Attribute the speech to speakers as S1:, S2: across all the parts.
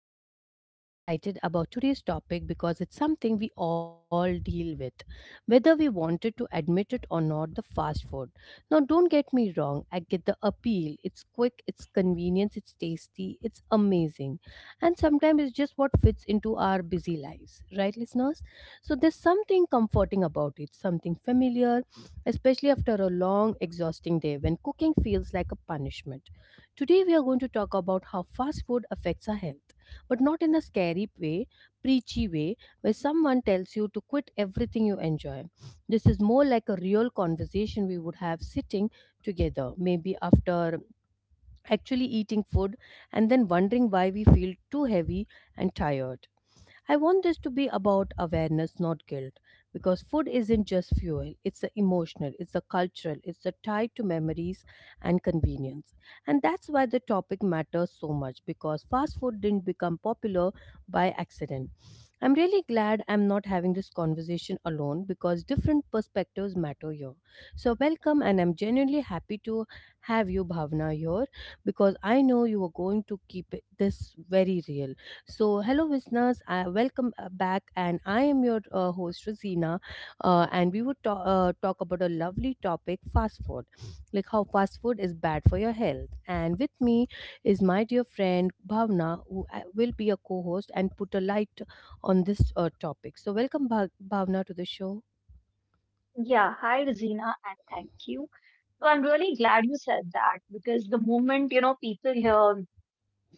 S1: show. I'm really excited about today's topic because it's something we all deal with, whether we wanted to admit it or not. The fast food. Now, don't get me wrong, I get the appeal. It's quick, it's convenient, it's tasty, it's amazing. And sometimes it's just what fits into our busy lives, right, listeners? So, there's something comforting about it, something familiar, especially after a long, exhausting day when cooking feels like a punishment. Today, we are going to talk about how fast food affects our health, but not in a scary way, preachy way, where someone tells you to quit everything you enjoy. This is more like a real conversation we would have sitting together, maybe after actually eating food and then wondering why we feel too heavy and tired. I want this to be about awareness, not guilt, because food isn't just fuel, it's a emotional, it's a cultural, it's a tie to memories and convenience. And that's why the topic matters so much, because fast food didn't become popular by accident. I'm really glad I'm not having this conversation alone because different perspectives matter here. So, welcome, and I'm genuinely happy to have you, Bhavna, here because I know you are going to keep it this very real so, hello, listeners. I welcome back, and I am your host, Rosina. And we would talk about a lovely topic fast food, like how fast food is bad for your health. And with me is my dear friend Bhavna, who will be a co host and put a light on this topic. So, welcome, Bhavna, to the show.
S2: Yeah, hi Rosina, and thank you. So I'm really glad you said that because the moment, you know, people hear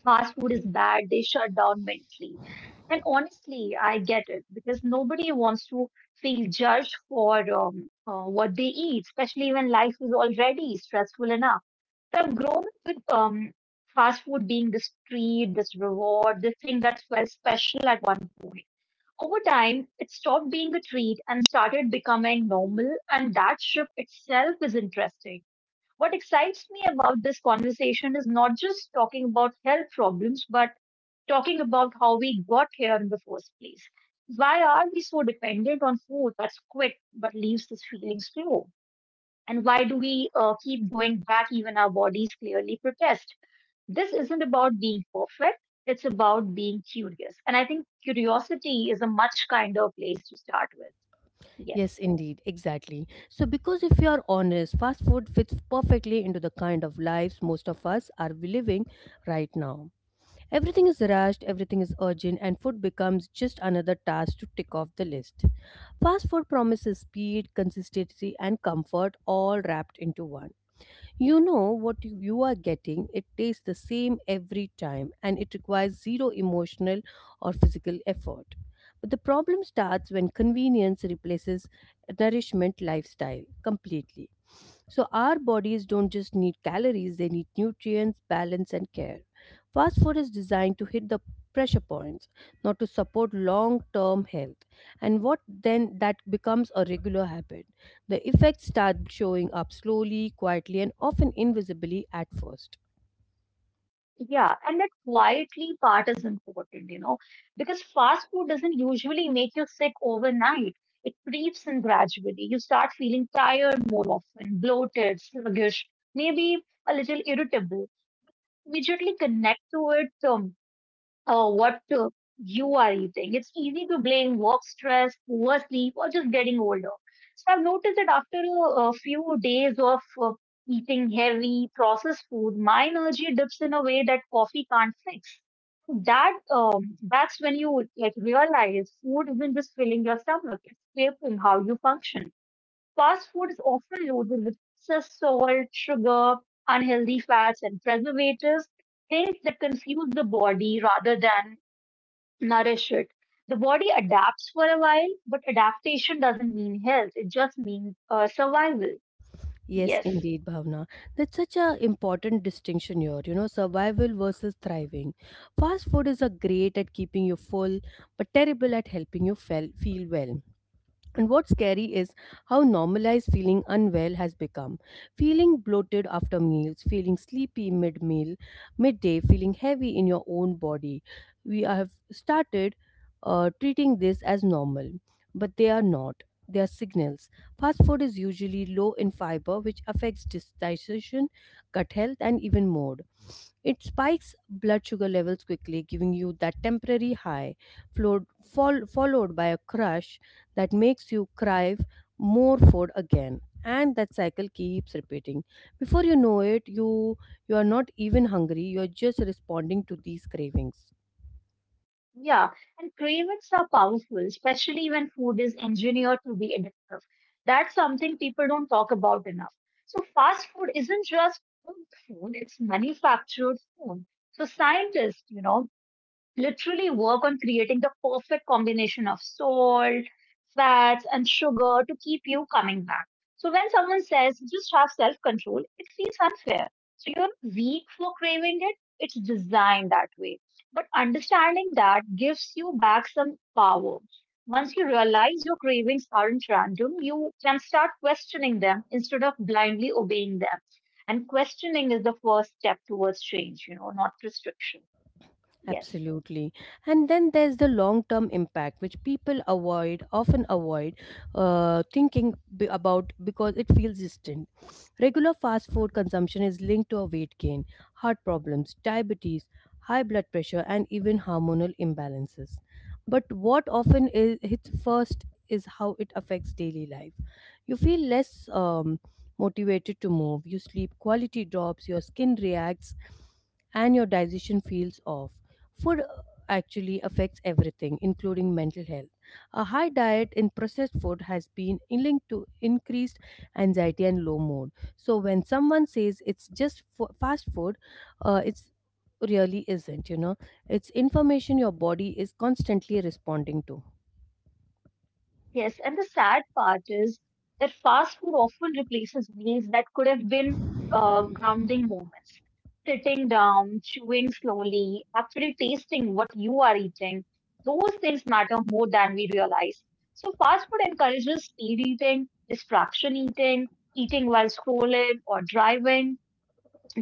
S2: fast food is bad, they shut down mentally. And honestly, I get it because nobody wants to feel judged for what they eat, especially when life is already stressful enough. But I've grown up with fast food being this treat, this reward, this thing that felt special at one point. Over time, it stopped being a treat and started becoming normal, and that shift itself is interesting. What excites me about this conversation is not just talking about health problems, but talking about how we got here in the first place. Why are we so dependent on food that's quick but leaves us feeling slow? And why do we keep going back even our bodies clearly protest? This isn't about being perfect, it's about being curious. And I think curiosity is a much kinder place to start with. Yes.
S1: Yes, indeed, exactly. So, because if you are honest, fast food fits perfectly into the kind of lives most of us are living right now. Everything is rushed, everything is urgent, and food becomes just another task to tick off the list. Fast food promises speed, consistency, and comfort all wrapped into one. You know what you are getting, it tastes the same every time, and it requires zero emotional or physical effort. But the problem starts when convenience replaces nourishment lifestyle completely. So, our bodies don't just need calories, they need nutrients, balance, and care. Fast food is designed to hit the pressure points, not to support long term health. And what then that becomes a regular habit. The effects start showing up slowly, quietly, and often invisibly at first.
S2: Yeah, and that quietly part is important, you know, because fast food doesn't usually make you sick overnight. It creeps in gradually. You start feeling tired more often, bloated, sluggish, maybe a little irritable. Immediately connect to it. Um, Oh, what uh, you are eating. It's easy to blame work stress, poor sleep, or just getting older. So I've noticed that after a few days of eating heavy processed food, my energy dips in a way that coffee can't fix. That's when you like realize food isn't just filling your stomach; it's shaping how you function. Fast food is often loaded with excess salt, sugar, unhealthy fats, and preservatives, things that confuse the body rather than nourish it. The body adapts for a while, but adaptation doesn't mean health, it just means survival.
S1: Yes,
S2: Yes.
S1: indeed, Bhavna. That's such a important distinction here, you know, survival versus thriving. Fast food is a great at keeping you full, but terrible at helping you feel well. And what's scary is how normalized feeling unwell has become. Feeling bloated after meals, feeling sleepy mid meal, midday, feeling heavy in your own body. We have started treating this as normal, but they are not. They are signals. Fast food is usually low in fiber, which affects digestion, gut health, and even mood. It spikes blood sugar levels quickly, giving you that temporary high flowed, followed by a crush that makes you cry more food again, and that cycle keeps repeating before you know it, you are not even hungry, you are just responding to these cravings.
S2: Yeah, and cravings are powerful, especially when food is engineered to be addictive. That's something people don't talk about enough. So, fast food isn't just home food, it's manufactured food. So, scientists, you know, literally work on creating the perfect combination of salt, fats, and sugar to keep you coming back. So when someone says just have self control, it feels unfair. So you're not weak for craving it, it's designed that way. But understanding that gives you back some power. Once you realize your cravings aren't random, you can start questioning them instead of blindly obeying them. And questioning is the first step towards change, you know, not restriction. Yes.
S1: Absolutely. And then there's the long term impact, which people avoid, often avoid thinking about because it feels distant. Regular fast food consumption is linked to a weight gain, heart problems, diabetes, high blood pressure, and even hormonal imbalances. But what often is, hits first is how it affects daily life. You feel less motivated to move, you sleep quality drops, your skin reacts, and your digestion feels off. Food actually affects everything, including mental health. A high diet in processed food has been linked to increased anxiety and low mood. So when someone says it's just fast food, it's really isn't. You know, it's information your body is constantly responding to.
S2: Yes, and the sad part is that fast food often replaces meals that could have been grounding moments. Sitting down, chewing slowly, actually tasting what you are eating, those things matter more than we realize. So, fast food encourages speed eating, distraction eating, eating while scrolling or driving,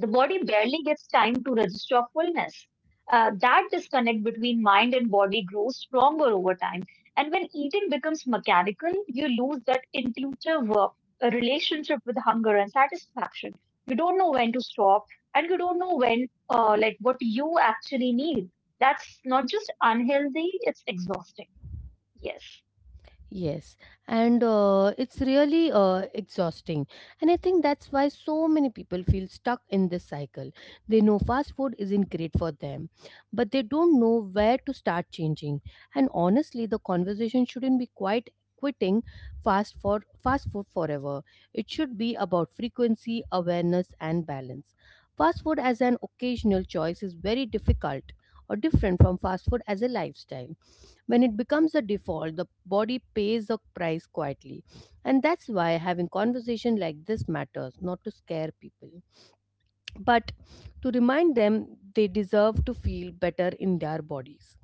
S2: the body barely gets time to register fullness. That disconnect between mind and body grows stronger over time. And when eating becomes mechanical, you lose that intuitive relationship with hunger and satisfaction. You don't know when to stop, and you don't know like, what you actually need. That's not just unhealthy, it's exhausting. Yes.
S1: Yes, and it's really exhausting. And I think that's why so many people feel stuck in this cycle. They know fast food isn't great for them, but they don't know where to start changing. And honestly, the conversation shouldn't be quite quitting fast for fast food forever. It should be about frequency, awareness, and balance. Fast food as an occasional choice is very difficult or different from fast food as a lifestyle. When it becomes a default, the body pays the price quietly. And that's why having conversation like this matters, not to scare people, but to remind them they deserve to feel better in their bodies.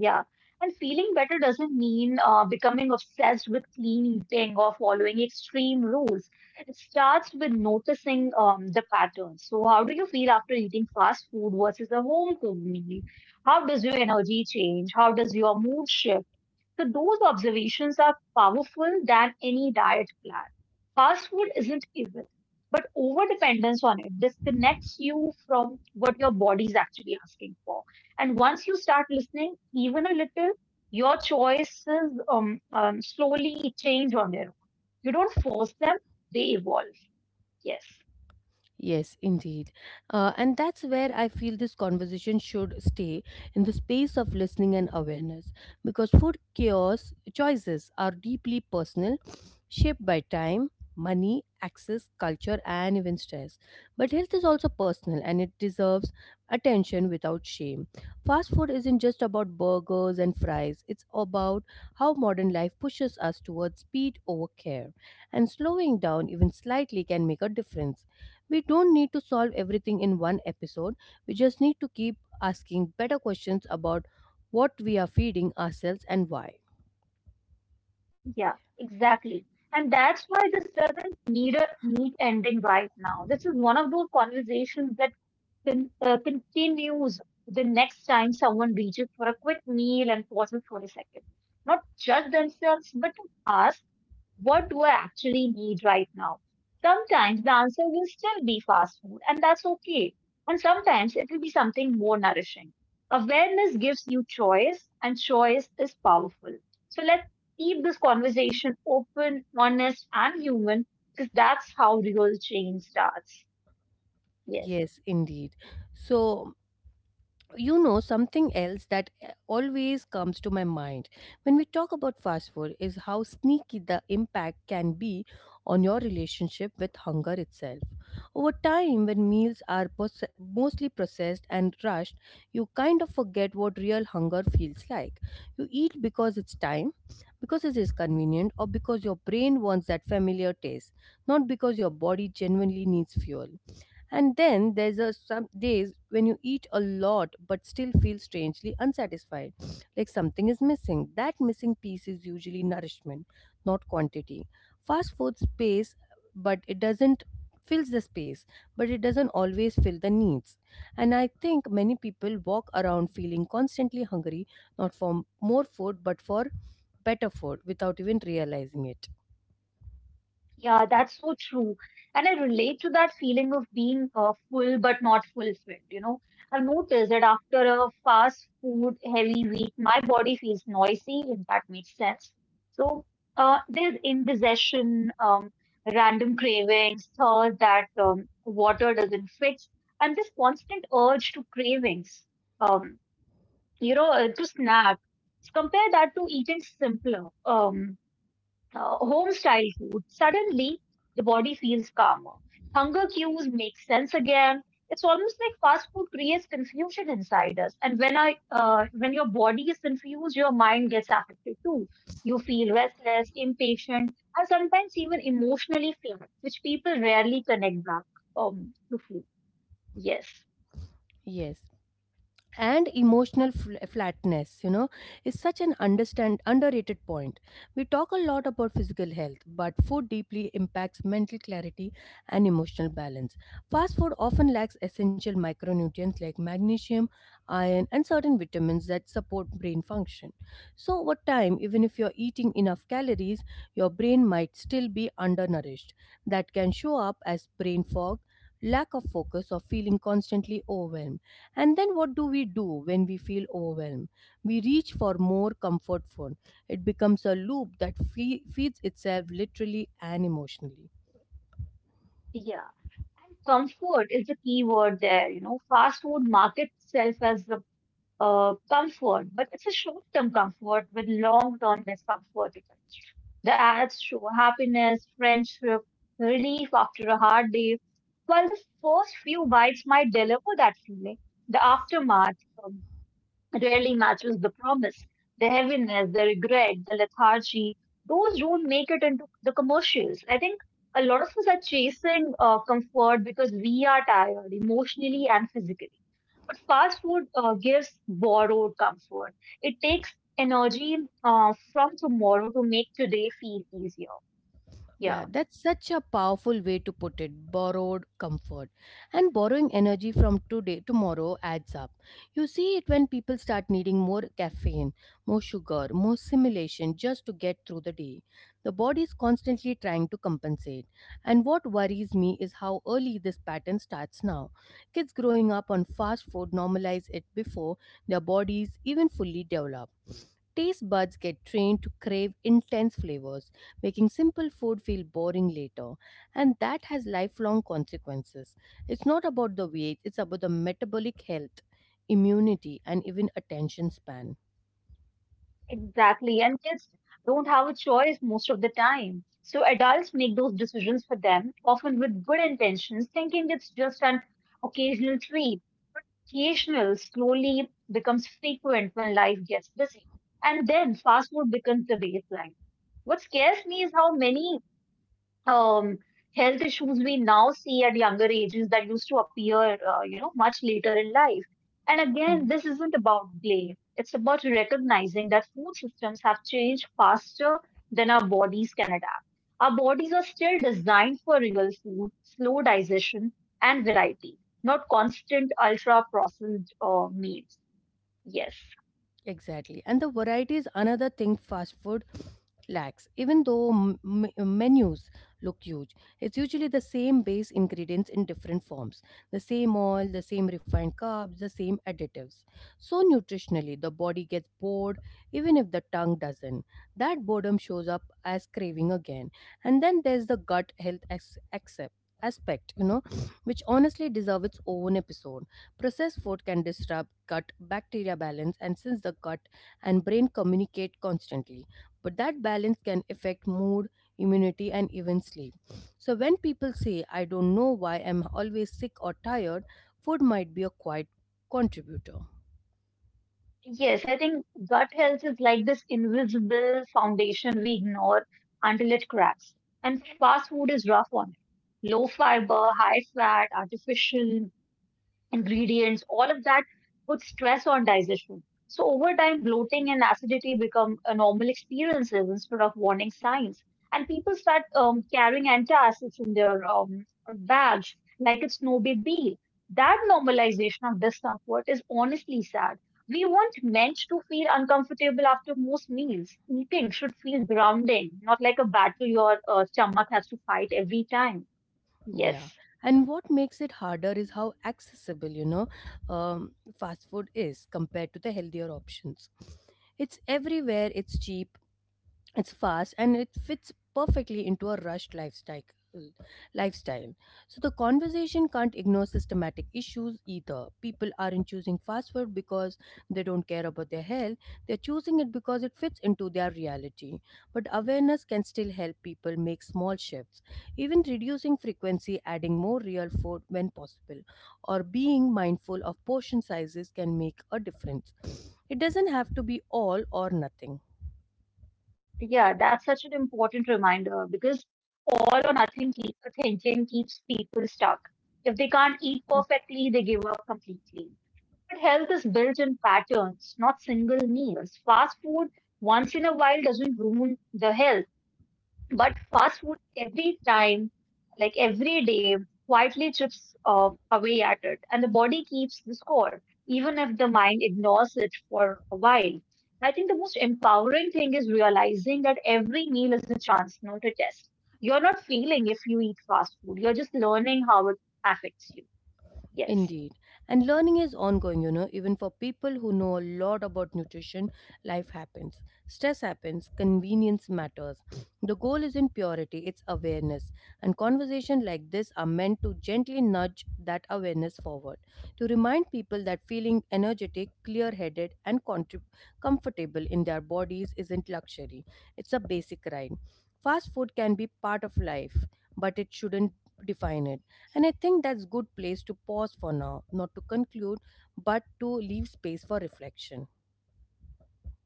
S2: Yeah. And feeling better doesn't mean becoming obsessed with clean eating or following extreme rules. It starts with noticing the patterns. So, how do you feel after eating fast food versus a home cooked meal? How does your energy change? How does your mood shift? So those observations are powerful than any diet plan. Fast food isn't evil, but overdependence on it disconnects you from what your body is actually asking for. And once you start listening, even a little, your choices slowly change on their own. You don't force them; they evolve. Yes.
S1: Yes, indeed. And that's where I feel this conversation should stay in the space of listening and awareness because food chaos choices are deeply personal, shaped by time, money, access, culture, and even stress. But health is also personal and it deserves attention without shame. Fast food isn't just about burgers and fries, it's about how modern life pushes us towards speed over care. And slowing down even slightly can make a difference. We don't need to solve everything in one episode. We just need to keep asking better questions about what we are feeding ourselves and why.
S2: Yeah, exactly. And that's why this doesn't need a neat ending right now. This is one of those conversations that continues the next time someone reaches for a quick meal and pauses for a second. Not to judge themselves, but to ask what do I actually need right now? Sometimes the answer will still be fast food, and that's okay. And sometimes it will be something more nourishing. Awareness gives you choice, and choice is powerful. So let's keep this conversation open, honest, and human because that's how real change starts. Yes.
S1: Yes, indeed. So, you know something else that always comes to my mind when we talk about fast food is how sneaky the impact can be on your relationship with hunger itself over time. When meals are mostly processed and rushed, you kind of forget what real hunger feels like. You eat because it's time, because it is convenient, or because your brain wants that familiar taste, not because your body genuinely needs fuel. And then there's some days when you eat a lot but still feel strangely unsatisfied, like something is missing. That missing piece is usually nourishment, not quantity. Fast food space, but it doesn't Fills the space, but it doesn't always fill the needs. And I think many people walk around feeling constantly hungry, not for more food but for better food without even realizing it.
S2: Yeah, that's so true. And I relate to that feeling of being full but not fulfilled. You know, I've noticed that after a fast food heavy week, my body feels noisy, if that makes sense. So there's indigestion, random cravings, thirst that water doesn't fix, and this constant urge to um, to snack. Compare that to eating simpler. Home style food, suddenly the body feels calmer. Hunger cues make sense again. It's almost like fast food creates confusion inside us. And when your body is confused, your mind gets affected too. You feel restless, impatient, and sometimes even emotionally flat, which people rarely connect back to food. Yes,
S1: Yes, and emotional flatness, you know, is such an understand underrated point. We talk a lot about physical health, but food deeply impacts mental clarity and emotional balance. Fast food often lacks essential micronutrients like magnesium, iron, and certain vitamins that support brain function. So over time, even if you're eating enough calories, your brain might still be undernourished. That can show up as brain fog, lack of focus, or feeling constantly overwhelmed. And then what do we do when we feel overwhelmed? We reach for more comfort food. It becomes a loop that feeds itself, literally and emotionally.
S2: yeah. And comfort is the key word there. You know, fast food markets itself as the comfort, but it's a short term comfort with long term discomfort attached. The ads show happiness, friendship, relief after a hard day. While the first few bites might deliver that feeling, the aftermath um, rarely matches the promise. The heaviness, the regret, the lethargy, those don't make it into the commercials. I think a lot of us are chasing comfort because we are tired emotionally and physically. But fast food gives borrowed comfort. It takes energy from tomorrow to make today feel easier. Yeah.
S1: Yeah, that's such a powerful way to put it. Borrowed comfort. And borrowing energy from today tomorrow adds up. You see it when people start needing more caffeine, more sugar, more stimulation just to get through the day. The body is constantly trying to compensate. And what worries me is how early this pattern starts now. Kids growing up on fast food normalize it before their bodies even fully develop. Taste buds get trained to crave intense flavors, making simple food feel boring later, and that has lifelong consequences. It's not about the weight, it's about the metabolic health, immunity, and even attention span.
S2: Exactly. And kids don't have a choice most of the time. So adults make those decisions for them, often with good intentions, thinking it's just an occasional treat. Occasional slowly becomes frequent when life gets busy. And then fast food becomes the baseline. What scares me is how many um, health issues we now see at younger ages that used to appear much later in life. And again, this isn't about blame. It's about recognizing that food systems have changed faster than our bodies can adapt. Our bodies are still designed for real food, slow digestion, and variety, not constant ultra processed meals. Yes.
S1: Exactly. And the variety is another thing fast food lacks. Even though menus look huge, it's usually the same base ingredients in different forms, the same oil, the same refined carbs, the same additives. So, nutritionally, the body gets bored even if the tongue doesn't. That boredom shows up as craving again. And then there's the gut health ex- accept aspect, you know, which honestly deserves its own episode. Processed food can disrupt gut bacteria balance, and since the gut and brain communicate constantly, but that balance can affect mood, immunity, and even sleep. So, when people say, I don't know why I'm always sick or tired, food might be a quiet contributor.
S2: Yes, I think gut health is like this invisible foundation we ignore until it cracks. And fast food is rough on it. Low fiber, high fat, artificial, ingredients, all of that puts stress on digestion. So over time, bloating and acidity become a normal experiences instead of warning signs. And people start carrying antacids in their bags like it's no big deal. That normalization of discomfort is honestly sad. We weren't meant to feel uncomfortable after most meals. Eating should feel grounding, not like a battle your stomach has to fight every time.
S1: Yeah,
S2: Yes.
S1: and what makes it harder is how accessible, you know, fast food is compared to the healthier options. It's everywhere, it's cheap, it's fast, and it fits perfectly into a rushed lifestyle. So the conversation can't ignore systematic issues either. People aren't choosing fast food because they don't care about their health, they're choosing it because it fits into their reality. But awareness can still help people make small shifts. Even reducing frequency, adding more real food when possible, or being mindful of portion sizes can make a difference. It doesn't have to be all or nothing.
S2: Yeah, that's such an important reminder because all or nothing keep, thinking keeps people stuck. If they can't eat perfectly, they give up completely. But health is built in patterns, not single meals. Fast food once in a while doesn't ruin the health. But fast food every time, like every day, quietly chips away at it, and the body keeps the score, even if the mind ignores it for a while. I think the most empowering thing is realizing that every meal is a chance, not a test. You're not failing if you eat fast food. You're just learning how it affects you. Yes.
S1: Indeed. And learning is ongoing, you know, even for people who know a lot about nutrition, life happens. Stress happens, convenience matters. The goal isn't purity, it's awareness. And conversations like this are meant to gently nudge that awareness forward, to remind people that feeling energetic, clear headed, and comfortable in their bodies isn't luxury, it's a basic right. Fast food can be part of life, but it shouldn't define it, and I think that's good place to pause for now, not to conclude, but to leave space for reflection.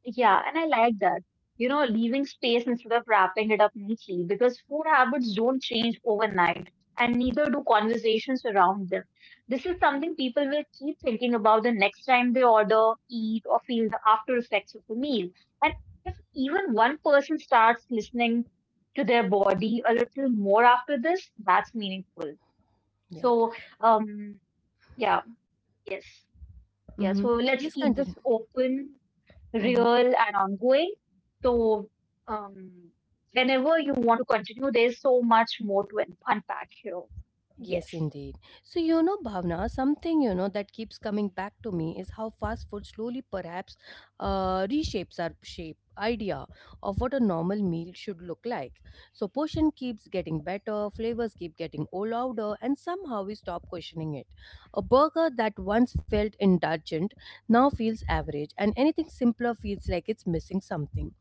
S2: Yeah, and I like that. You know, leaving space instead of wrapping it up neatly because food habits don't change overnight and neither do conversations around them. This is something people will keep thinking about the next time they order, eat, or feel the after effects of a meal. And if even one person starts listening to their body a little more after this, that's meaningful.
S1: Yeah.
S2: So, um, yeah, yes. Yeah,
S1: hmm
S2: so let's
S1: Please
S2: keep
S1: continue.
S2: this open real
S1: Mhm.
S2: and ongoing. So, um, whenever you want to continue, there's so much more to unpack here.
S1: Yes,
S2: Yes.
S1: indeed. So, you know, Bhavna, something you know that keeps coming back to me is how fast food slowly perhaps reshapes our shape idea of what a normal meal should look like. So, portion keeps getting better, flavors keep getting all louder, and somehow we stop questioning it. A burger that once felt indulgent now feels average, and anything simpler feels like it's missing something.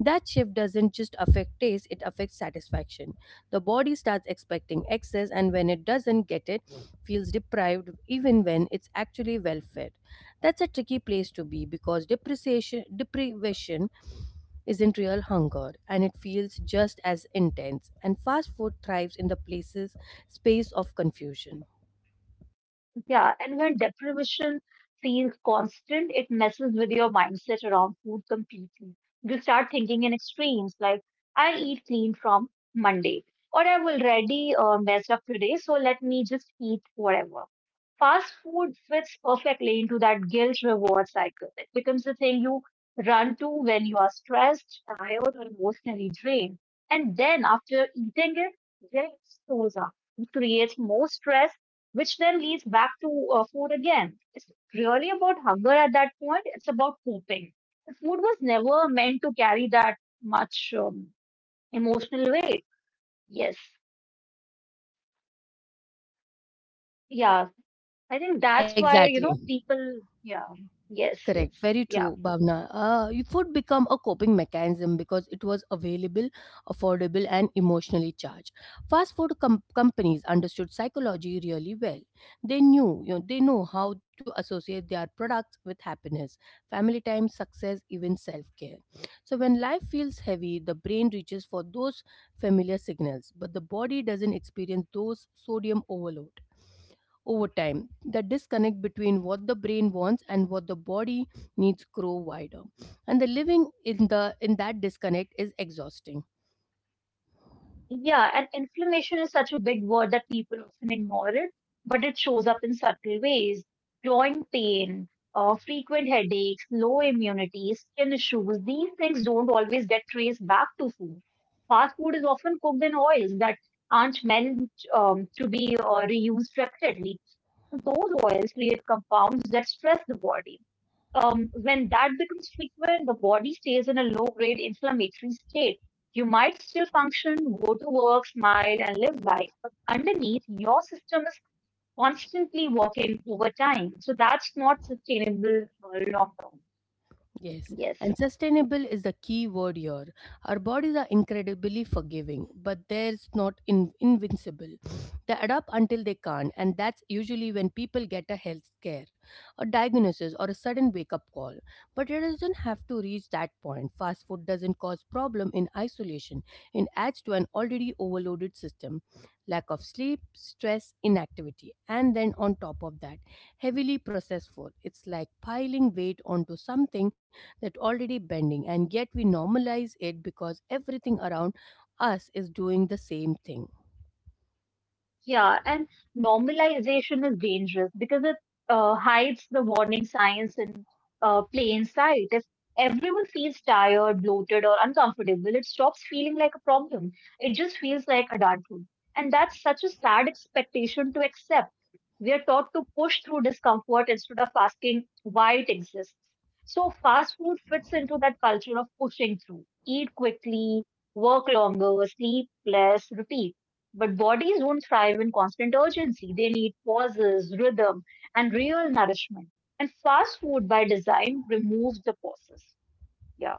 S1: That shift doesn't just affect taste, it affects satisfaction. The body starts expecting excess, and when it doesn't get it, feels deprived even when it's actually well fed. That's a tricky place to be because depreciation, deprivation isn't real hunger and it feels just as intense. And fast food thrives in the places space of confusion.
S2: Yeah, and when deprivation feels constant, it messes with your mindset around food completely. You start thinking in extremes, like I eat clean from Monday, or I've already messed up today, so let me just eat whatever. Fast food fits perfectly into that guilt reward cycle. It becomes the thing you run to when you are stressed, tired, or emotionally drained. And then after eating it, guilt shows up. It creates more stress which then leads back to food again. It's really about hunger at that point. It's about coping. The food was never meant to carry that much emotional weight. Yes. Yeah. I think that's why, you know,
S1: Exactly.
S2: people, yeah. Yes,
S1: Correct.
S2: yes.
S1: Very true,
S2: Yeah.
S1: Bhavna. Food become a coping mechanism because it was available, affordable, and emotionally charged. Fast food companies understood psychology really well. They knew, you know, they know how to associate their products with happiness, family time, success, even self-care. So when life feels heavy, the brain reaches for those familiar signals, but the body doesn't experience those sodium overload. Over time, the disconnect between what the brain wants and what the body needs grow wider, and the living in the in that disconnect is exhausting.
S2: Yeah, and inflammation is such a big word that people often ignore it, but it shows up in subtle ways. Joint pain, frequent headaches, low immunity, skin issues, these things don't always get traced back to food. Fast food is often cooked in oils that aren't meant to be reused repeatedly. Those oils create compounds that stress the body. When that becomes frequent, the body stays in a low grade inflammatory state. You might still function, go to work, smile, and live life, but underneath, your system is constantly working overtime. So that's not sustainable long term.
S1: Yes,
S2: Yes.
S1: and sustainable is the key word here. Our bodies are incredibly forgiving, but there's not invincible. They adapt until they can't, and that's usually when people get a health scare, a diagnosis, or a sudden wake up call. But it doesn't have to reach that point. Fast food doesn't cause problem in isolation; it adds to an already overloaded system. Lack of sleep, stress, inactivity, and then on top of that, heavily processed food. It's like piling weight onto something that already bending, and yet we normalize it because everything around us is doing the same thing.
S2: Yeah, and normalization is dangerous because it hides the warning signs in plain sight. If everyone feels tired, bloated, or uncomfortable, it stops feeling like a problem. It just feels like adulthood. And that's such a sad expectation to accept. We are taught to push through discomfort instead of asking why it exists. So fast food fits into that culture of pushing through. Eat quickly, work longer, sleep less, repeat. But bodies don't thrive in constant urgency. They need pauses, rhythm, and real nourishment. And fast food by design removes the pauses. Yeah.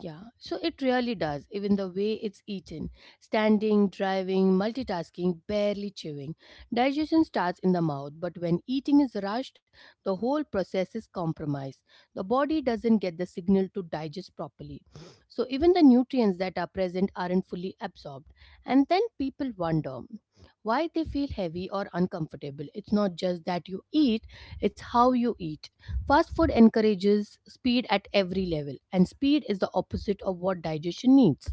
S1: Yeah, so it really does, even the way it's eaten. Standing, driving, multitasking, barely chewing. Digestion starts in the mouth, but when eating is rushed, the whole process is compromised. The body doesn't get the signal to digest properly. So even the nutrients that are present aren't fully absorbed. And then people wonder why they feel heavy or uncomfortable. It's not just that you eat, it's how you eat. Fast food encourages speed at every level, and speed is the opposite of what digestion needs.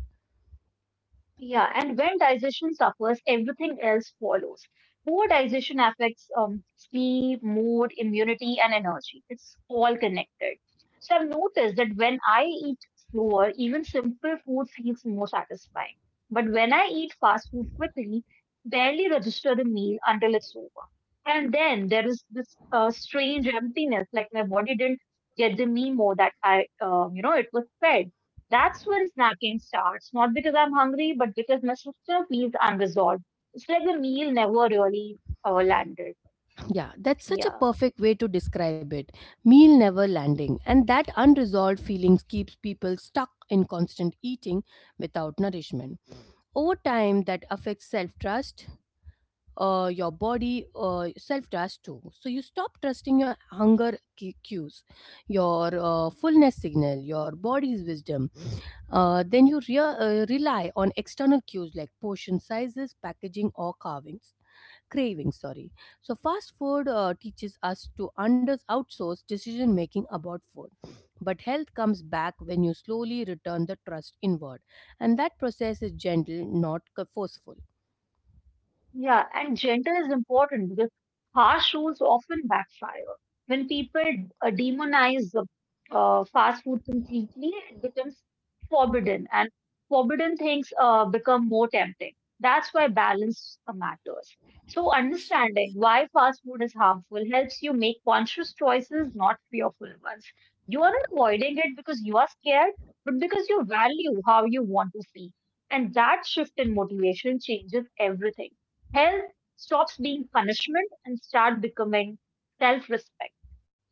S2: Yeah, and when digestion suffers, everything else follows. Poor digestion affects sleep, mood, immunity, and energy. It's all connected. So I've noticed that when I eat slower, even simple food feels more satisfying. But when I eat fast food quickly, barely register the meal until it's over. And then there is this strange emptiness, like my body didn't get the memo that it was fed. That's when snacking starts, not because I'm hungry, but because my sister feels unresolved. It's like the meal never really landed.
S1: Yeah, that's such a
S2: Yeah.
S1: perfect way to describe it. Meal never landing, and that unresolved feelings keeps people stuck in constant eating without nourishment. Over time, that affects self trust, your body, self trust too. So you stop trusting your hunger cues, your fullness signal, your body's wisdom. Then you rely on external cues like portion sizes, packaging, or carvings. Cravings, sorry. So fast food teaches us to under outsource decision making about food, but health comes back when you slowly return the trust inward, and that process is gentle, not forceful.
S2: Yeah, and gentle is important because harsh rules often backfire. When people demonize the fast food completely, it becomes forbidden, and forbidden things become more tempting. That's why balance matters. So, understanding why fast food is harmful helps you make conscious choices, not fearful ones. You are not avoiding it because you are scared but because you value how you want to see. And that shift in motivation changes everything. Health stops being punishment and start becoming self-respect.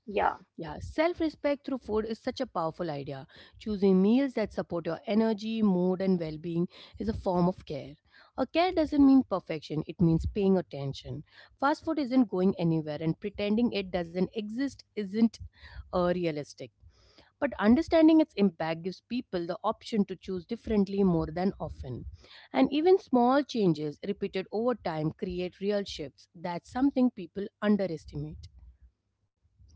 S2: Yeah.
S1: Yeah, self respect through food is such a powerful idea. Choosing meals that support your energy, mood, and well being is a form of care. A care doesn't mean perfection, it means paying attention. Fast food isn't going anywhere, and pretending it doesn't exist isn't realistic. But understanding its impact gives people the option to choose differently more than often. And even small changes repeated over time create real shifts. That's something people underestimate.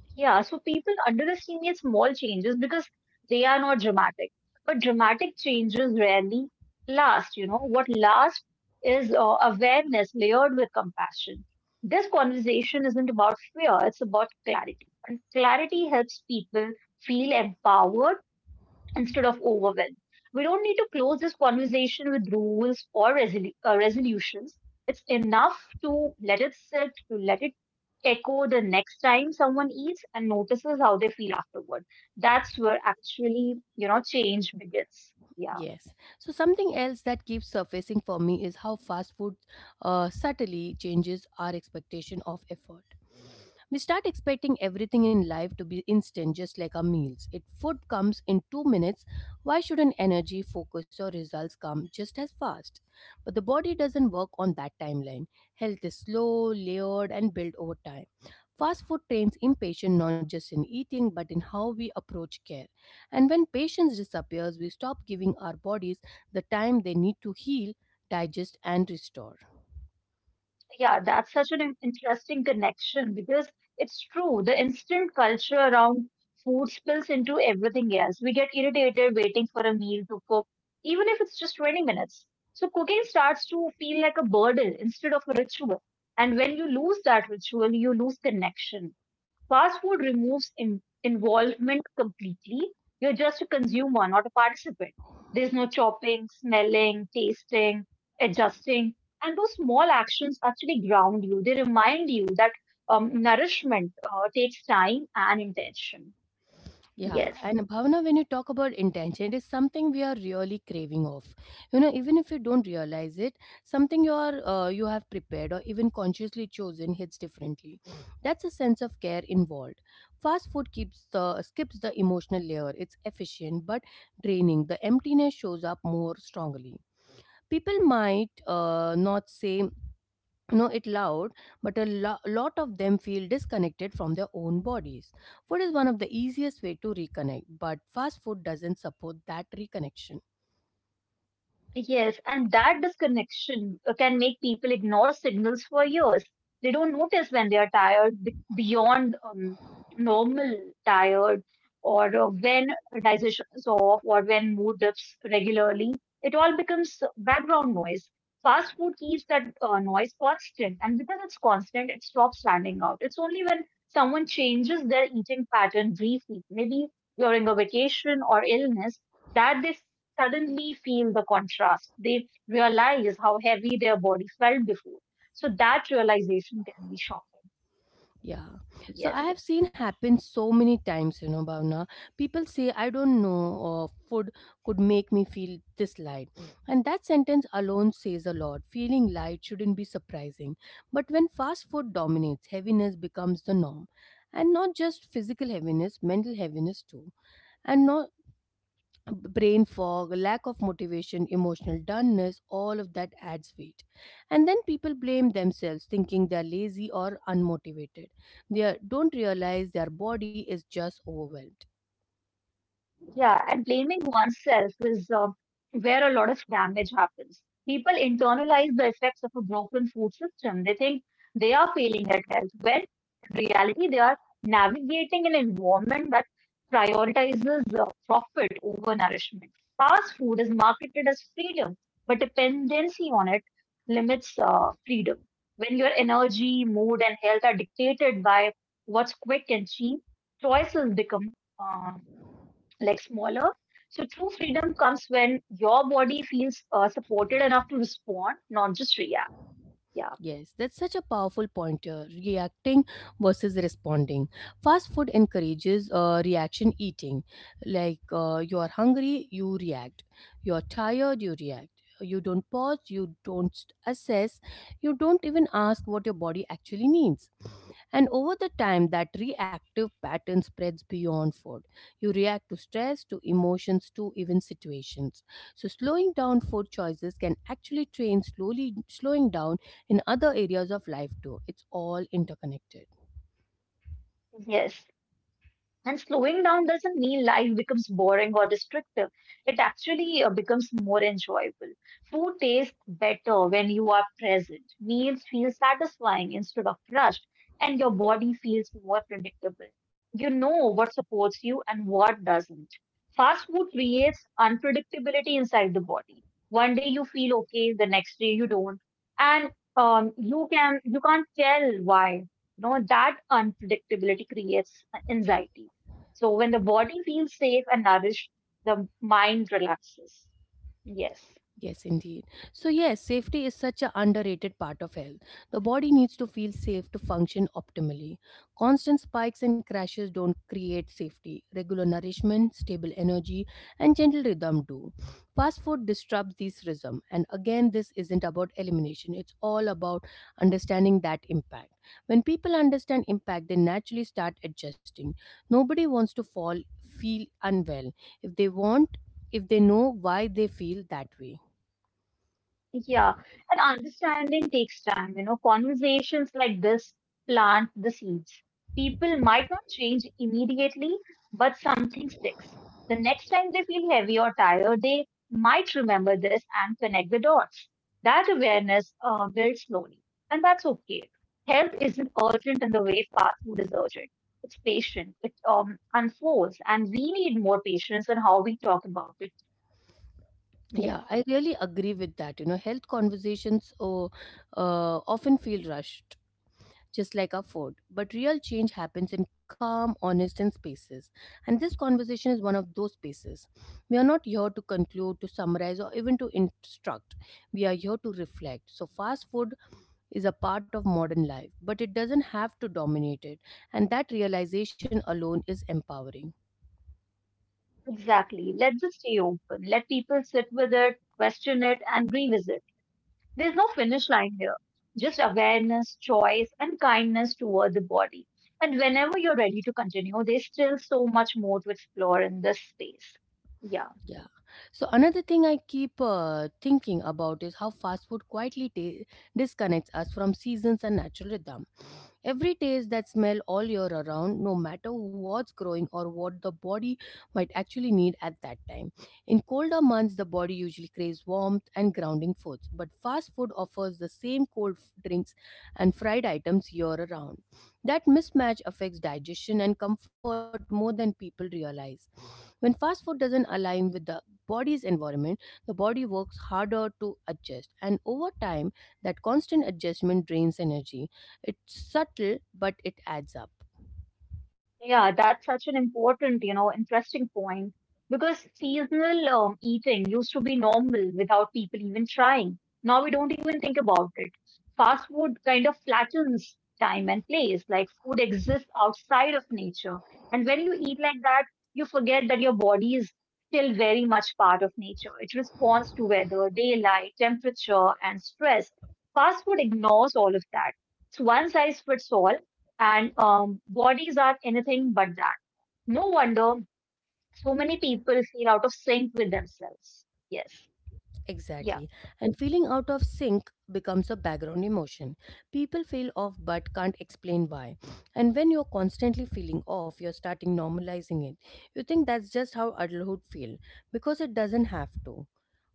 S2: Yeah. So people underestimate small changes because they are not dramatic. But dramatic changes rarely last, you know. What lasts is awareness layered with compassion. This conversation isn't about fear, it's about clarity. And clarity helps people feel empowered instead of overwhelm. We don't need to close this conversation with rules or resolutions. It's enough to let it sit, to let it echo the next time someone eats and notices how they feel afterward. That's where actually, you know, change begins. Yeah.
S1: Yes. So something else that keeps surfacing for me is how fast food subtly changes our expectation of effort. We start expecting everything in life to be instant, just like our meals. If food comes in 2 minutes, why shouldn't energy, focus, or results come just as fast? But the body doesn't work on that timeline. Health is slow, layered, and built over time. Fast food trains impatience not just in eating but in how we approach care. And when patience disappears, we stop giving our bodies the time they need to heal, digest, and restore.
S2: Yeah, that's such an interesting connection because it's true. The instant culture around food spills into everything else. We get irritated waiting for a meal to cook, even if it's just 20 minutes. So cooking starts to feel like a burden instead of a ritual. And when you lose that ritual, you lose connection. Fast food removes involvement completely. You're just a consumer, not a participant. There's no chopping, smelling, tasting, adjusting. And those small actions actually ground you. They remind you that nourishment takes time and intention.
S1: Yeah,
S2: Yes.
S1: and Bhavana, when you talk about intention, it is something we are really craving of. You know, even if you don't realize it, something you are you have prepared or even consciously chosen hits differently. That's a sense of care involved. Fast food keeps the skips the emotional layer. It's efficient but draining. The emptiness shows up more strongly. People might not say, you know, it loud, but a lot of them feel disconnected from their own bodies. Food is one of the easiest way to reconnect, but fast food doesn't support that reconnection.
S2: Yes, and that disconnection can make people ignore signals for years. They don't notice when they are tired beyond normal tired, or when digestion is off, or when mood dips regularly. It all becomes background noise. Fast food keeps that noise constant, and because it's constant, it stops standing out. It's only when someone changes their eating pattern briefly, maybe during a vacation or illness, that they suddenly feel the contrast. They realize how heavy their body felt before. So that realization can be shocking.
S1: Yeah, so I
S2: Yes.
S1: have seen happen so many times, you know, Bhavna. People say, I don't know, food could make me feel this light, and that sentence alone says a lot. Feeling light shouldn't be surprising, but when fast food dominates, heaviness becomes the norm, and not just physical heaviness, mental heaviness too. And no, brain fog, lack of motivation, emotional dullness, all of that adds weight. And then people blame themselves, thinking they're lazy or unmotivated. They don't realize their body is just overwhelmed.
S2: Yeah, and blaming oneself is where a lot of damage happens. People internalize the effects of a broken food system. They think they are failing at health, when in reality, they are navigating an environment that prioritizes profit over nourishment. Fast food is marketed as freedom, but dependency on it limits freedom. When your energy, mood, and health are dictated by what's quick and cheap, choices become uh, like smaller. So true freedom comes when your body feels supported enough to respond, not just react. Yeah.
S1: Yes, that's such a powerful pointer. Reacting versus responding. Fast food encourages reaction eating. Like, you are hungry, you react. You are tired, you react. You don't pause, you don't assess, you don't even ask what your body actually needs. And over the time, that reactive pattern spreads beyond food. You react to stress, to emotions, to even situations. So slowing down food choices can actually train slowly slowing down in other areas of life too. It's all interconnected.
S2: Yes. And slowing down doesn't mean life becomes boring or restrictive. It actually becomes more enjoyable. Food tastes better when you are present. Meals feel satisfying instead of rushed, and your body feels more predictable. You know what supports you and what doesn't. Fast food creates unpredictability inside the body. One day you feel okay, the next day you don't, and you can't tell why. You know that unpredictability creates anxiety so when the body feels safe and nourished, the mind relaxes. Yes.
S1: Yes, indeed. So, yes, safety is such an underrated part of health. The body needs to feel safe to function optimally. Constant spikes and crashes don't create safety. Regular nourishment, stable energy, and gentle rhythm do. Fast food disrupts this rhythm. And again, this isn't about elimination, it's all about understanding that impact. When people understand impact, they naturally start adjusting. Nobody wants to fall, feel unwell. If they want, if they know why they feel that way.
S2: Yeah, and understanding takes time. You know, conversations like this plant the seeds. People might not change immediately, but something sticks. The next time they feel heavy or tired, they might remember this and connect the dots. That awareness builds slowly, and that's okay. Health isn't urgent in the way fast food is urgent. It's patient. It unfolds, and we need more patience in how we talk about it. Yes.
S1: Yeah, I really agree with that. You know, health conversations often feel rushed, just like our food. But real change happens in calm, honest, and spaces. And this conversation is one of those spaces. We are not here to conclude, to summarize, or even to instruct. We are here to reflect. So, fast food is a part of modern life, but it doesn't have to dominate it. And that realization alone is empowering.
S2: Exactly. Let this stay open. Let people sit with it, question it, and revisit. There's no finish line here. Just awareness, choice, and kindness toward the body. And whenever you're ready to continue, there's still so much more to explore in this space. Yeah.
S1: Yeah. So another thing I keep thinking about is how fast food quietly ta disconnects us from seasons and natural rhythm. Every taste that smell all year around, no matter what's growing or what the body might actually need at that time. In colder months, the body usually craves warmth and grounding foods, but fast food offers the same cold drinks and fried items year around. That mismatch affects digestion and comfort more than people realize. When fast food doesn't align with the body's environment, the body works harder to adjust, and over time, that constant adjustment drains energy. It's subtle, but it adds up.
S2: Yeah, that's such an important, you know, interesting point because seasonal eating used to be normal without people even trying. Now we don't even think about it. Fast food kind of flattens time and place, like food exists outside of nature. And when you eat like that, you forget that your body is still very much part of nature. It responds to weather, daylight, temperature, and stress. Fast food ignores all of that. It's one size fits all, and bodies are anything but that. No wonder so many people feel out of sync with themselves. Yes. Yeah.
S1: Exactly. And feeling out of sync becomes a background emotion. People feel off but can't explain why. And when you're constantly feeling off, you're starting normalizing it. You think that's just how adulthood feel, because it doesn't have to.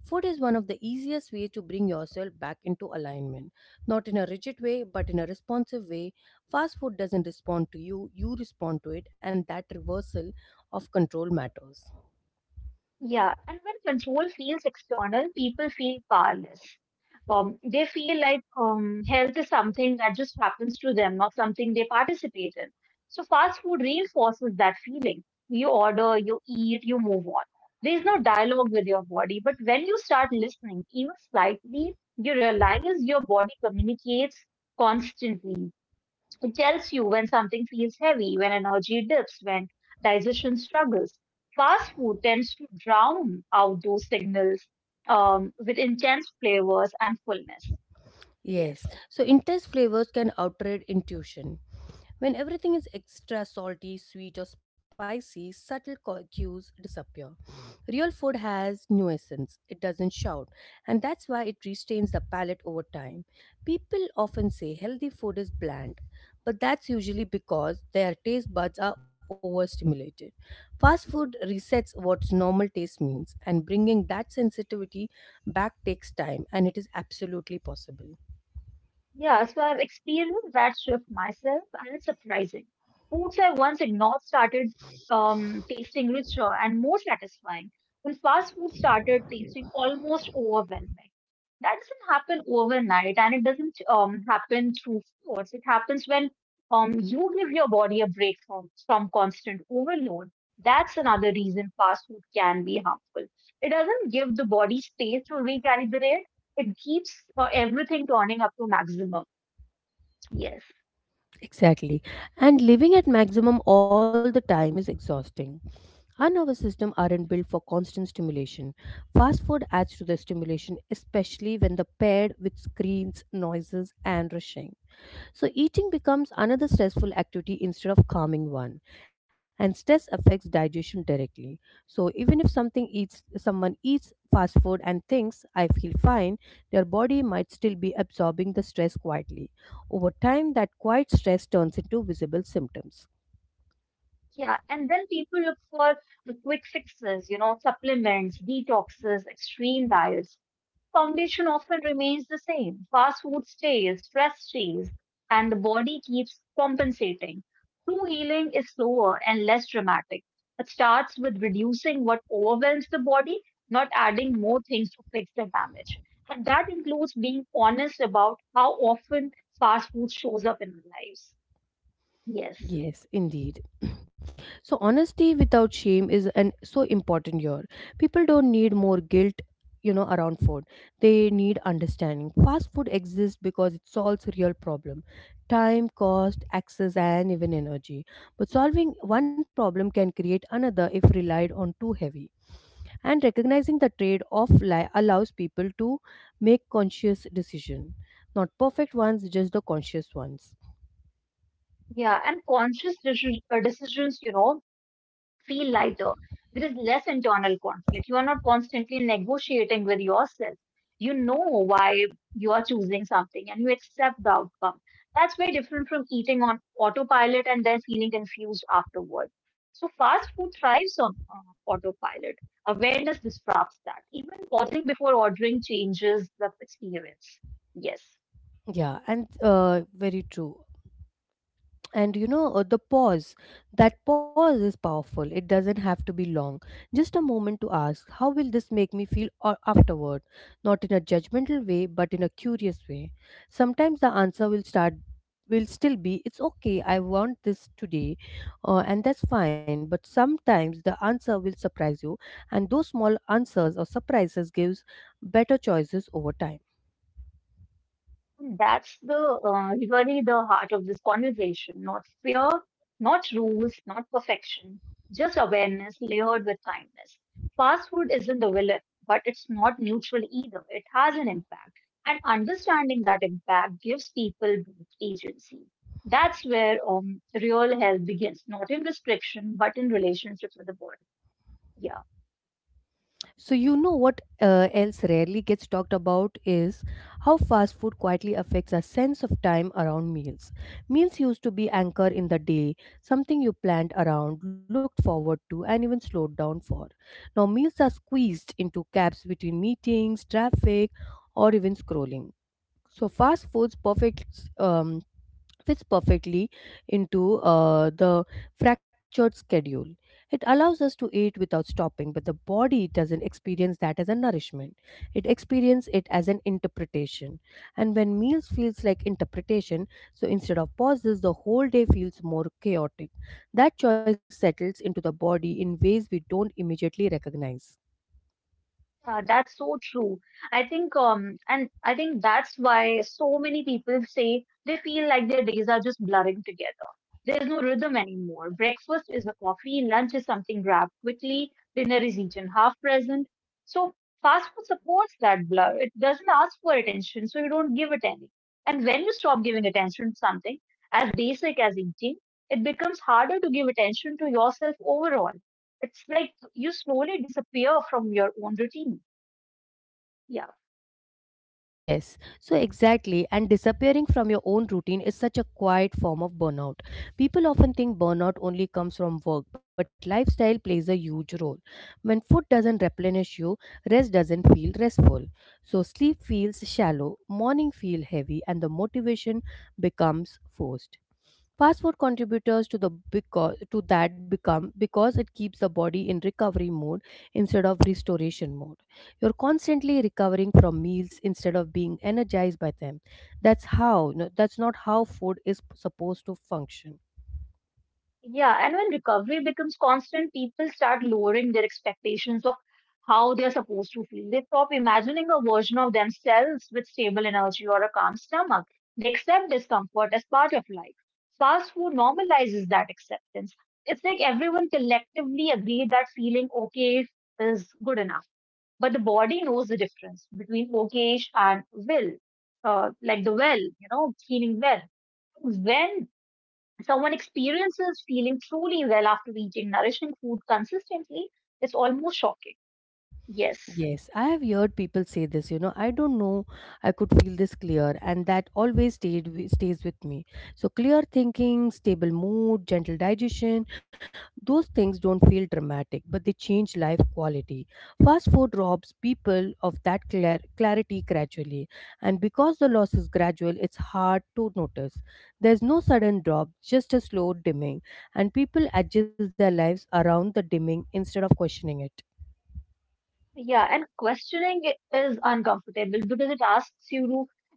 S1: Food is one of the easiest ways to bring yourself back into alignment. Not in a rigid way, but in a responsive way. Fast food doesn't respond to you, you respond to it, and that reversal of control matters.
S2: Yeah, and when control feels external, people feel powerless. They feel like health is something that just happens to them, not something they participate in. So fast food reinforces that feeling. You order, you eat, you move on. There is no dialogue with your body, but when you start listening, even slightly, you realize your body communicates constantly. It tells you when something feels heavy, when energy dips, when digestion struggles. Fast food tends to drown out those signals with intense flavors and fullness.
S1: Yes,
S2: Yes.
S1: so intense flavors can outrage intuition. When everything is extra salty, sweet, or spicy, subtle cues disappear. Real food has nuisance, it doesn't shout, and that's why it restrains the palate over time. People often say healthy food is bland, but that's usually because their taste buds are overstimulated. Fast food resets what normal taste means, and bringing that sensitivity back takes time, and it is absolutely possible.
S2: Yeah, so I've experienced that shift myself, and it's surprising. Foods I once ignored started tasting richer and more satisfying, when fast food started tasting almost overwhelming. That doesn't happen overnight, and it doesn't happen through force. It happens when you give your body a break from constant overload. That's another reason fast food can be harmful. It doesn't give the body space to recalibrate it keeps everything turning up to maximum. Yes.
S1: Exactly. And living at maximum all the time is exhausting. Our nervous system aren't built for constant stimulation. Fast food adds to the stimulation, especially when the paired with screens, noises, and rushing. So, eating becomes another stressful activity instead of calming one, and stress affects digestion directly. So, even if something eats, someone eats fast food and thinks, I feel fine, their body might still be absorbing the stress quietly. Over time, that quiet stress turns into visible symptoms.
S2: Yeah. And then people look for the quick fixes, you know, supplements, detoxes, extreme diets. Foundation often remains the same. Fast food stays, stress stays, and the body keeps compensating. True healing is slower and less dramatic. It starts with reducing what overwhelms the body, not adding more things to fix the damage. And that includes being honest about how often fast food shows up in our lives. Yes.
S1: Yes, indeed. So honesty without shame is an so important here. People don't need more guilt, you know, around food. They need understanding. Fast food exists because it solves real problem. Time, cost, access and even energy. But solving one problem can create another if relied on too heavy. And recognizing the allows people to make conscious decision. Not perfect ones, just the conscious ones.
S2: Yeah, and conscious decisions, you know, feel lighter. There is less internal conflict. You are not constantly negotiating with yourself. You know why you are choosing something and you accept the outcome. That's very different from eating on autopilot and then feeling confused afterward. So, fast food thrives on autopilot. Awareness disrupts that. Even pausing before ordering changes the experience. Yes.
S1: Yeah, and very true. And you know the pause that pause is powerful. It doesn't have to be long, just a moment to ask how will this make me feel, or afterward, not in a judgmental way but in a curious way. Sometimes the answer will start will still be it's okay, I want this today. And that's fine, but sometimes the answer will surprise you, and those small answers or surprises gives better choices over time.
S2: That's the really the heart of this conversation. Not fear, not rules, not perfection, just awareness layered with kindness. Fast food isn't the villain, but it's not neutral either. It has an impact, and understanding that impact gives people both agency. That's where real health begins, not in restriction, but in relationship with the world. Yeah.
S1: So you know what else rarely gets talked about is how fast food quietly affects our sense of time around meals. Meals used to be anchor in the day, something you planned around, looked forward to, and even slowed down for. Now meals are squeezed into gaps between meetings, traffic, or even scrolling. So fast foods perfects fits perfectly into the fractured schedule. It allows us to eat without stopping, but the body doesn't experience that as a nourishment. It experiences it as an interpretation. And when meals feels like interpretation, so instead of pauses, the whole day feels more chaotic. That choice settles into the body in ways we don't immediately recognize.
S2: That's so true. I think, that's why so many people say they feel like their days are just blurring together. There's no rhythm anymore. Breakfast is a coffee, lunch is something grabbed quickly, dinner is eaten half present. So fast food supports that blur. It doesn't ask for attention, so you don't give it any. And when you stop giving attention to something as basic as eating, it becomes harder to give attention to yourself overall. It's like you slowly disappear from your own routine. Yeah.
S1: Yes, so exactly, and disappearing from your own routine is such a quiet form of burnout. People often think burnout only comes from work, but lifestyle plays a huge role. When food doesn't replenish you, rest doesn't feel restful. So sleep feels shallow, morning feel heavy, and the motivation becomes forced. Fast food contributors to the because to that become because it keeps the body in recovery mode instead of restoration mode. You're constantly recovering from meals instead of being energized by them. That's not how food is supposed to function.
S2: Yeah. And when recovery becomes constant, people start lowering their expectations of how they're supposed to feel. They stop imagining a version of themselves with stable energy or a calm stomach. They accept discomfort as part of life. Fast food normalizes that acceptance. It's like everyone collectively agree that feeling okay is good enough. But the body knows the difference between okay and will, like the well, you know, feeling well when someone experiences feeling truly well after eating nourishing food consistently is almost shocking. Yes.
S1: Yes, I have heard people say this, you know, I don't know, I could feel this clear, and that always stays with me. So clear thinking, stable mood, gentle digestion, those things don't feel dramatic, but they change life quality. Fast food robs people of that clarity gradually, and because the loss is gradual, it's hard to notice. There's no sudden drop, just a slow dimming, and people adjust their lives around the dimming instead of questioning it.
S2: Yeah, and questioning it is uncomfortable because it asks you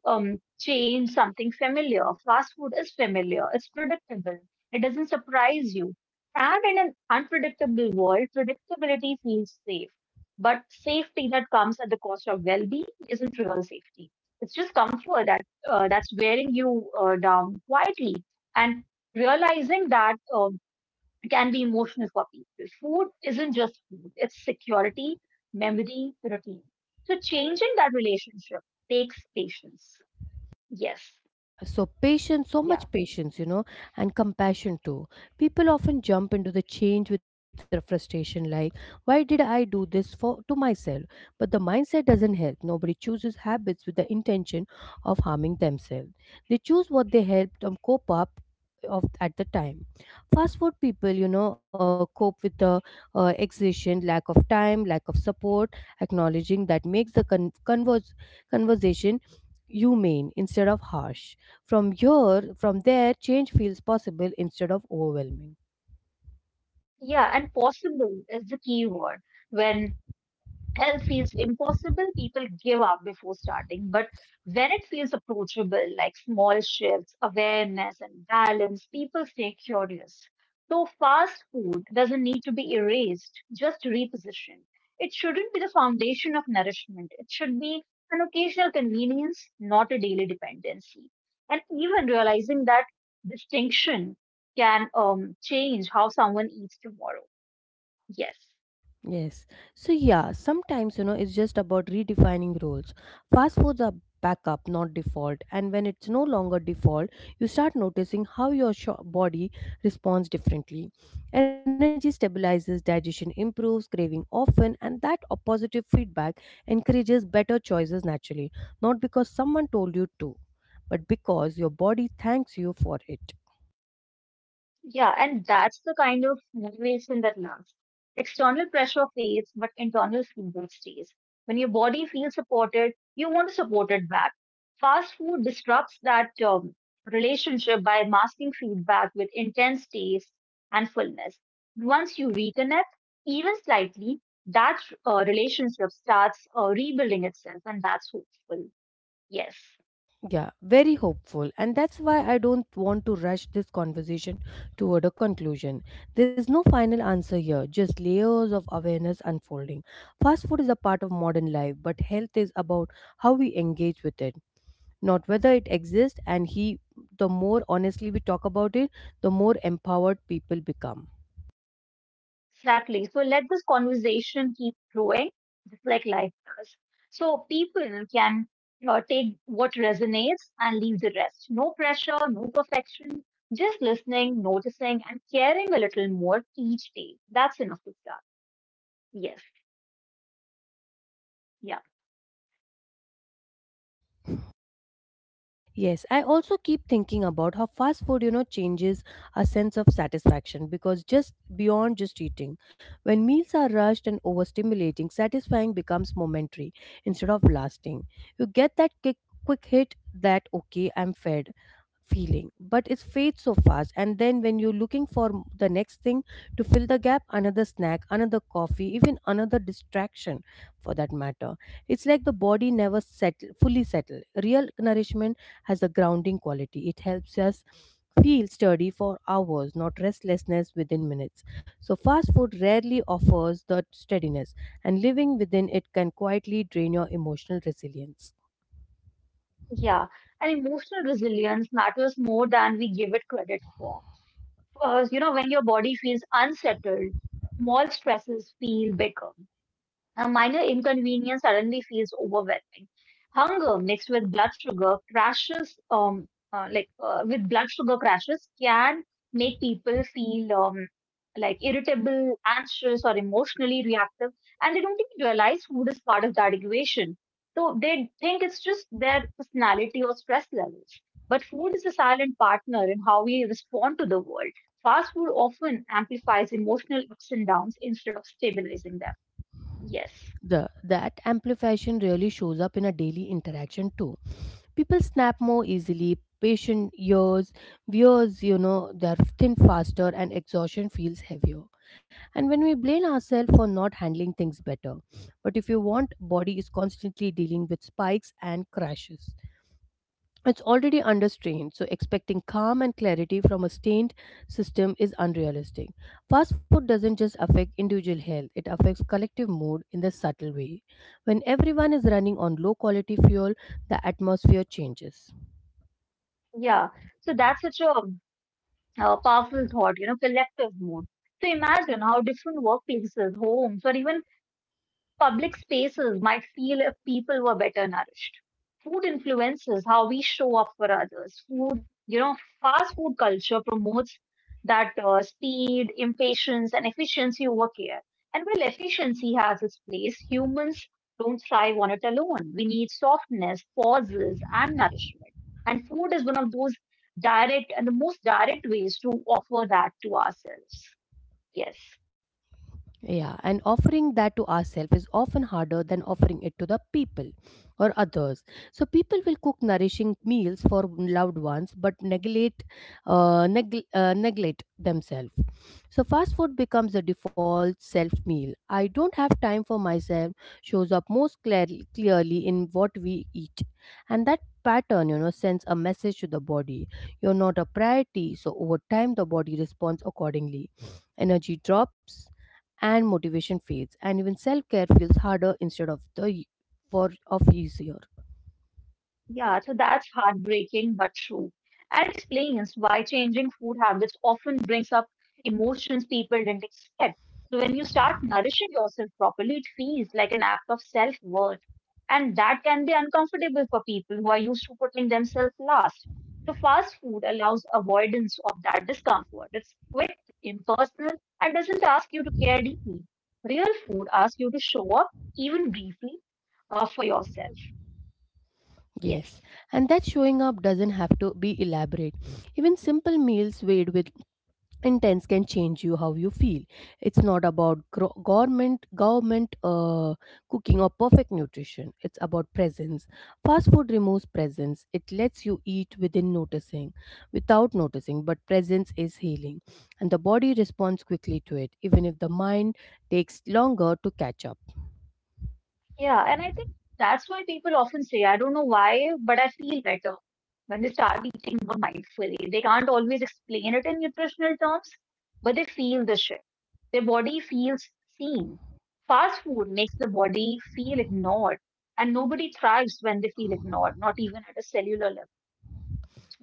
S2: to change something familiar. Fast food is familiar, it's predictable, it doesn't surprise you. And in an unpredictable world, predictability feels safe. But safety that comes at the cost of well being isn't real safety. It's just comfort that's wearing you down quietly. And realizing that it can be emotional for people. Food isn't just food, it's security, memory, routine. So changing that relationship takes patience. Yes.
S1: So, patience, so
S2: Yeah.
S1: much patience, you know, and compassion too. People often jump into the change with their frustration, like, why did I do this for to myself? But the mindset doesn't help. Nobody chooses habits with the intention of harming themselves. They choose what they help them cope up of at the time. Fast food people, you know, cope with the exhaustion, lack of time, lack of support. Acknowledging that makes the conversation humane instead of harsh. From there, change feels possible instead of overwhelming.
S2: Yeah. And possible is the key word when health feels impossible, people give up before starting. But when it feels approachable, like small shifts, awareness, and balance, people stay curious. So, fast food doesn't need to be erased, just repositioned. It shouldn't be the foundation of nourishment, it should be an occasional convenience, not a daily dependency. And even realizing that distinction can change how someone eats tomorrow. Yes.
S1: Yes. So yeah, sometimes you know it's just about redefining roles. Fast foods are backup, not default. And when it's no longer default, you start noticing how your body responds differently. Energy stabilizes, digestion improves, craving often, and that positive feedback encourages better choices naturally, not because someone told you to, but because your body thanks you for it.
S2: Yeah, and that's the kind of motivation that lasts. External pressure fades, but internal feedback stays. When your body feels supported, you want to support it back. Fast food disrupts that relationship by masking feedback with intense taste and fullness. Once you reconnect, even slightly, that relationship starts rebuilding itself, and that's hopeful. Yes.
S1: Yeah, very hopeful. And that's why I don't want to rush this conversation toward a conclusion. There's no final answer here, just layers of awareness unfolding. Fast food is a part of modern life, but health is about how we engage with it, not whether it exists. The more honestly we talk about it, the more empowered people become.
S2: Exactly. So let this conversation keep growing, just like life does. So people can take what resonates and leave the rest. No pressure, no perfection, just listening, noticing, and caring a little more each day. That's enough to start. Yes. Yeah.
S1: Yes, I also keep thinking about how fast food, you know, changes a sense of satisfaction, because just beyond just eating, when meals are rushed and overstimulating, satisfying becomes momentary instead of lasting. You get that kick, quick hit, that okay, I'm fed feeling, but it fades so fast, and then when you're looking for the next thing to fill the gap, another snack, another coffee, even another distraction for that matter. It's like the body never settle fully settle real nourishment. Has a grounding quality, it helps us feel sturdy for hours, not restlessness within minutes. So fast food rarely offers that steadiness, and living within it can quietly drain your emotional resilience.
S2: Yeah. And emotional resilience matters more than we give it credit for. When your body feels unsettled, small stresses feel bigger. A minor inconvenience suddenly feels overwhelming. Hunger mixed with blood sugar crashes, like with blood sugar crashes, can make people feel like irritable, anxious, or emotionally reactive, and they don't even realize food is part of that equation. So they think it's just their personality or stress levels. But food is a silent partner in how we respond to the world. Fast food often amplifies emotional ups and downs instead of stabilizing them. Yes.
S1: The that amplification really shows up in a daily interaction too. People snap more easily, patient ears, viewers, you know, they're thin faster, and exhaustion feels heavier, and when we blame ourselves for not handling things better. But if you want body is constantly dealing with spikes and crashes, it's already under strain, so expecting calm and clarity from a stained system is unrealistic. Fast food doesn't just affect individual health, it affects collective mood in the subtle way. When everyone is running on low quality fuel, the atmosphere changes.
S2: Yeah, so that's such a powerful thought, you know, collective mode. So imagine how different workplaces, homes, or even public spaces might feel if people were better nourished. Food influences how we show up for others. Food, you know, fast food culture promotes that speed, impatience, and efficiency over care. And while efficiency has its place, humans don't thrive on it alone. We need softness, pauses, and nourishment. And food is one of those direct and the most direct ways to offer that to ourselves. Yes.
S1: Yeah, and offering that to ourselves is often harder than offering it to the people or others. So people will cook nourishing meals for loved ones, but neglect neglect themselves. So fast food becomes the default self meal. I don't have time for myself shows up most clearly in what we eat, and that pattern, you know, sends a message to the body, you're not a priority, so over time the body responds accordingly. Energy drops and motivation fades, and even self-care feels harder instead of the for of easier.
S2: Yeah, so that's heartbreaking but true. And explains why changing food habits often brings up emotions people didn't expect. So when you start nourishing yourself properly, it feels like an act of self-worth. And that can be uncomfortable for people who are used to putting themselves last. So fast food allows avoidance of that discomfort. It's quick, impersonal, and doesn't ask you to care deeply. Real food asks you to show up, even briefly, for yourself.
S1: Yes,
S2: Yes.
S1: and that showing up doesn't have to be elaborate. Even simple meals made with intense can change you how you feel. It's not about gro- government government cooking or perfect nutrition, it's about presence. Fast food removes presence, it lets you eat within noticing without noticing, but presence is healing, and the body responds quickly to it, even if the mind takes longer to catch up.
S2: Yeah, and I think that's why people often say, I don't know why, but I feel better when they start eating more mindfully. They can't always explain it in nutritional terms, but they feel the shift. Their body feels seen. Fast food makes the body feel ignored, and nobody thrives when they feel ignored, not even at a cellular level.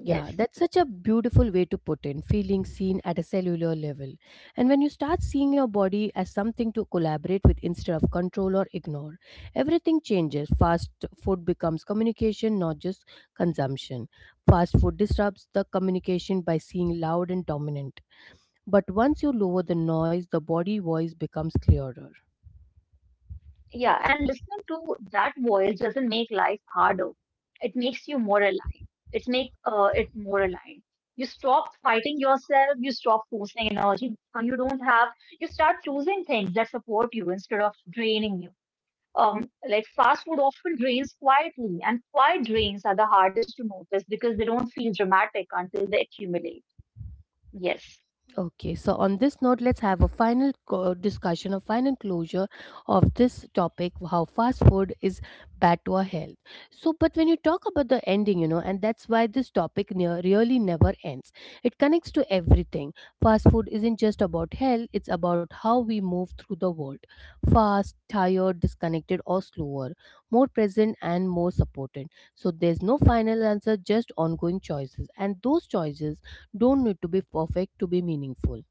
S1: Yeah,
S2: Yes.
S1: that's such a beautiful way to put in feeling seen at a cellular level. And when you start seeing your body as something to collaborate with instead of control or ignore, everything changes. Fast food becomes communication, not just consumption. Fast food disrupts the communication by seeing loud and dominant. But once you lower the noise, the body voice becomes clearer.
S2: Yeah, and listening to that voice doesn't make life harder. It makes you more aligned. It more aligned. You stop fighting yourself. You stop forcing energy you don't have. You start choosing things that support you instead of draining you. Like fast food often drains quietly, and quiet drains are the hardest to notice because they don't feel dramatic until they accumulate. Yes,
S1: Okay, so on this note, let's have a final discussion, a final closure of this topic, how fast food is bad to our health. So, but when you talk about the ending, you know, and that's why this topic really never ends, it connects to everything. Fast food isn't just about health, it's about how we move through the world fast, tired, disconnected, or slower, more present and more supported. So there's no final answer, just ongoing choices. And those choices don't need to be perfect to be meaningful.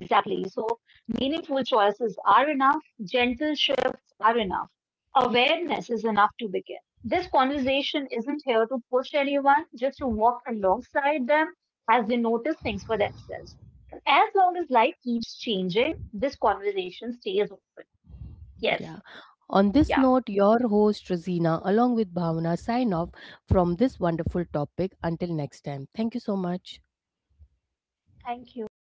S2: exactly. So meaningful choices are enough. Gentle shifts are enough. Awareness is enough to begin. This conversation isn't here to push anyone, just to walk alongside them as they notice things for themselves. As long as life keeps changing, this conversation stays open. Yes.
S1: Yeah. On this
S2: Yeah.
S1: note, your host Rosina, along with Bhavana, sign off from this wonderful topic. Until next time, thank you so much.
S2: Thank you.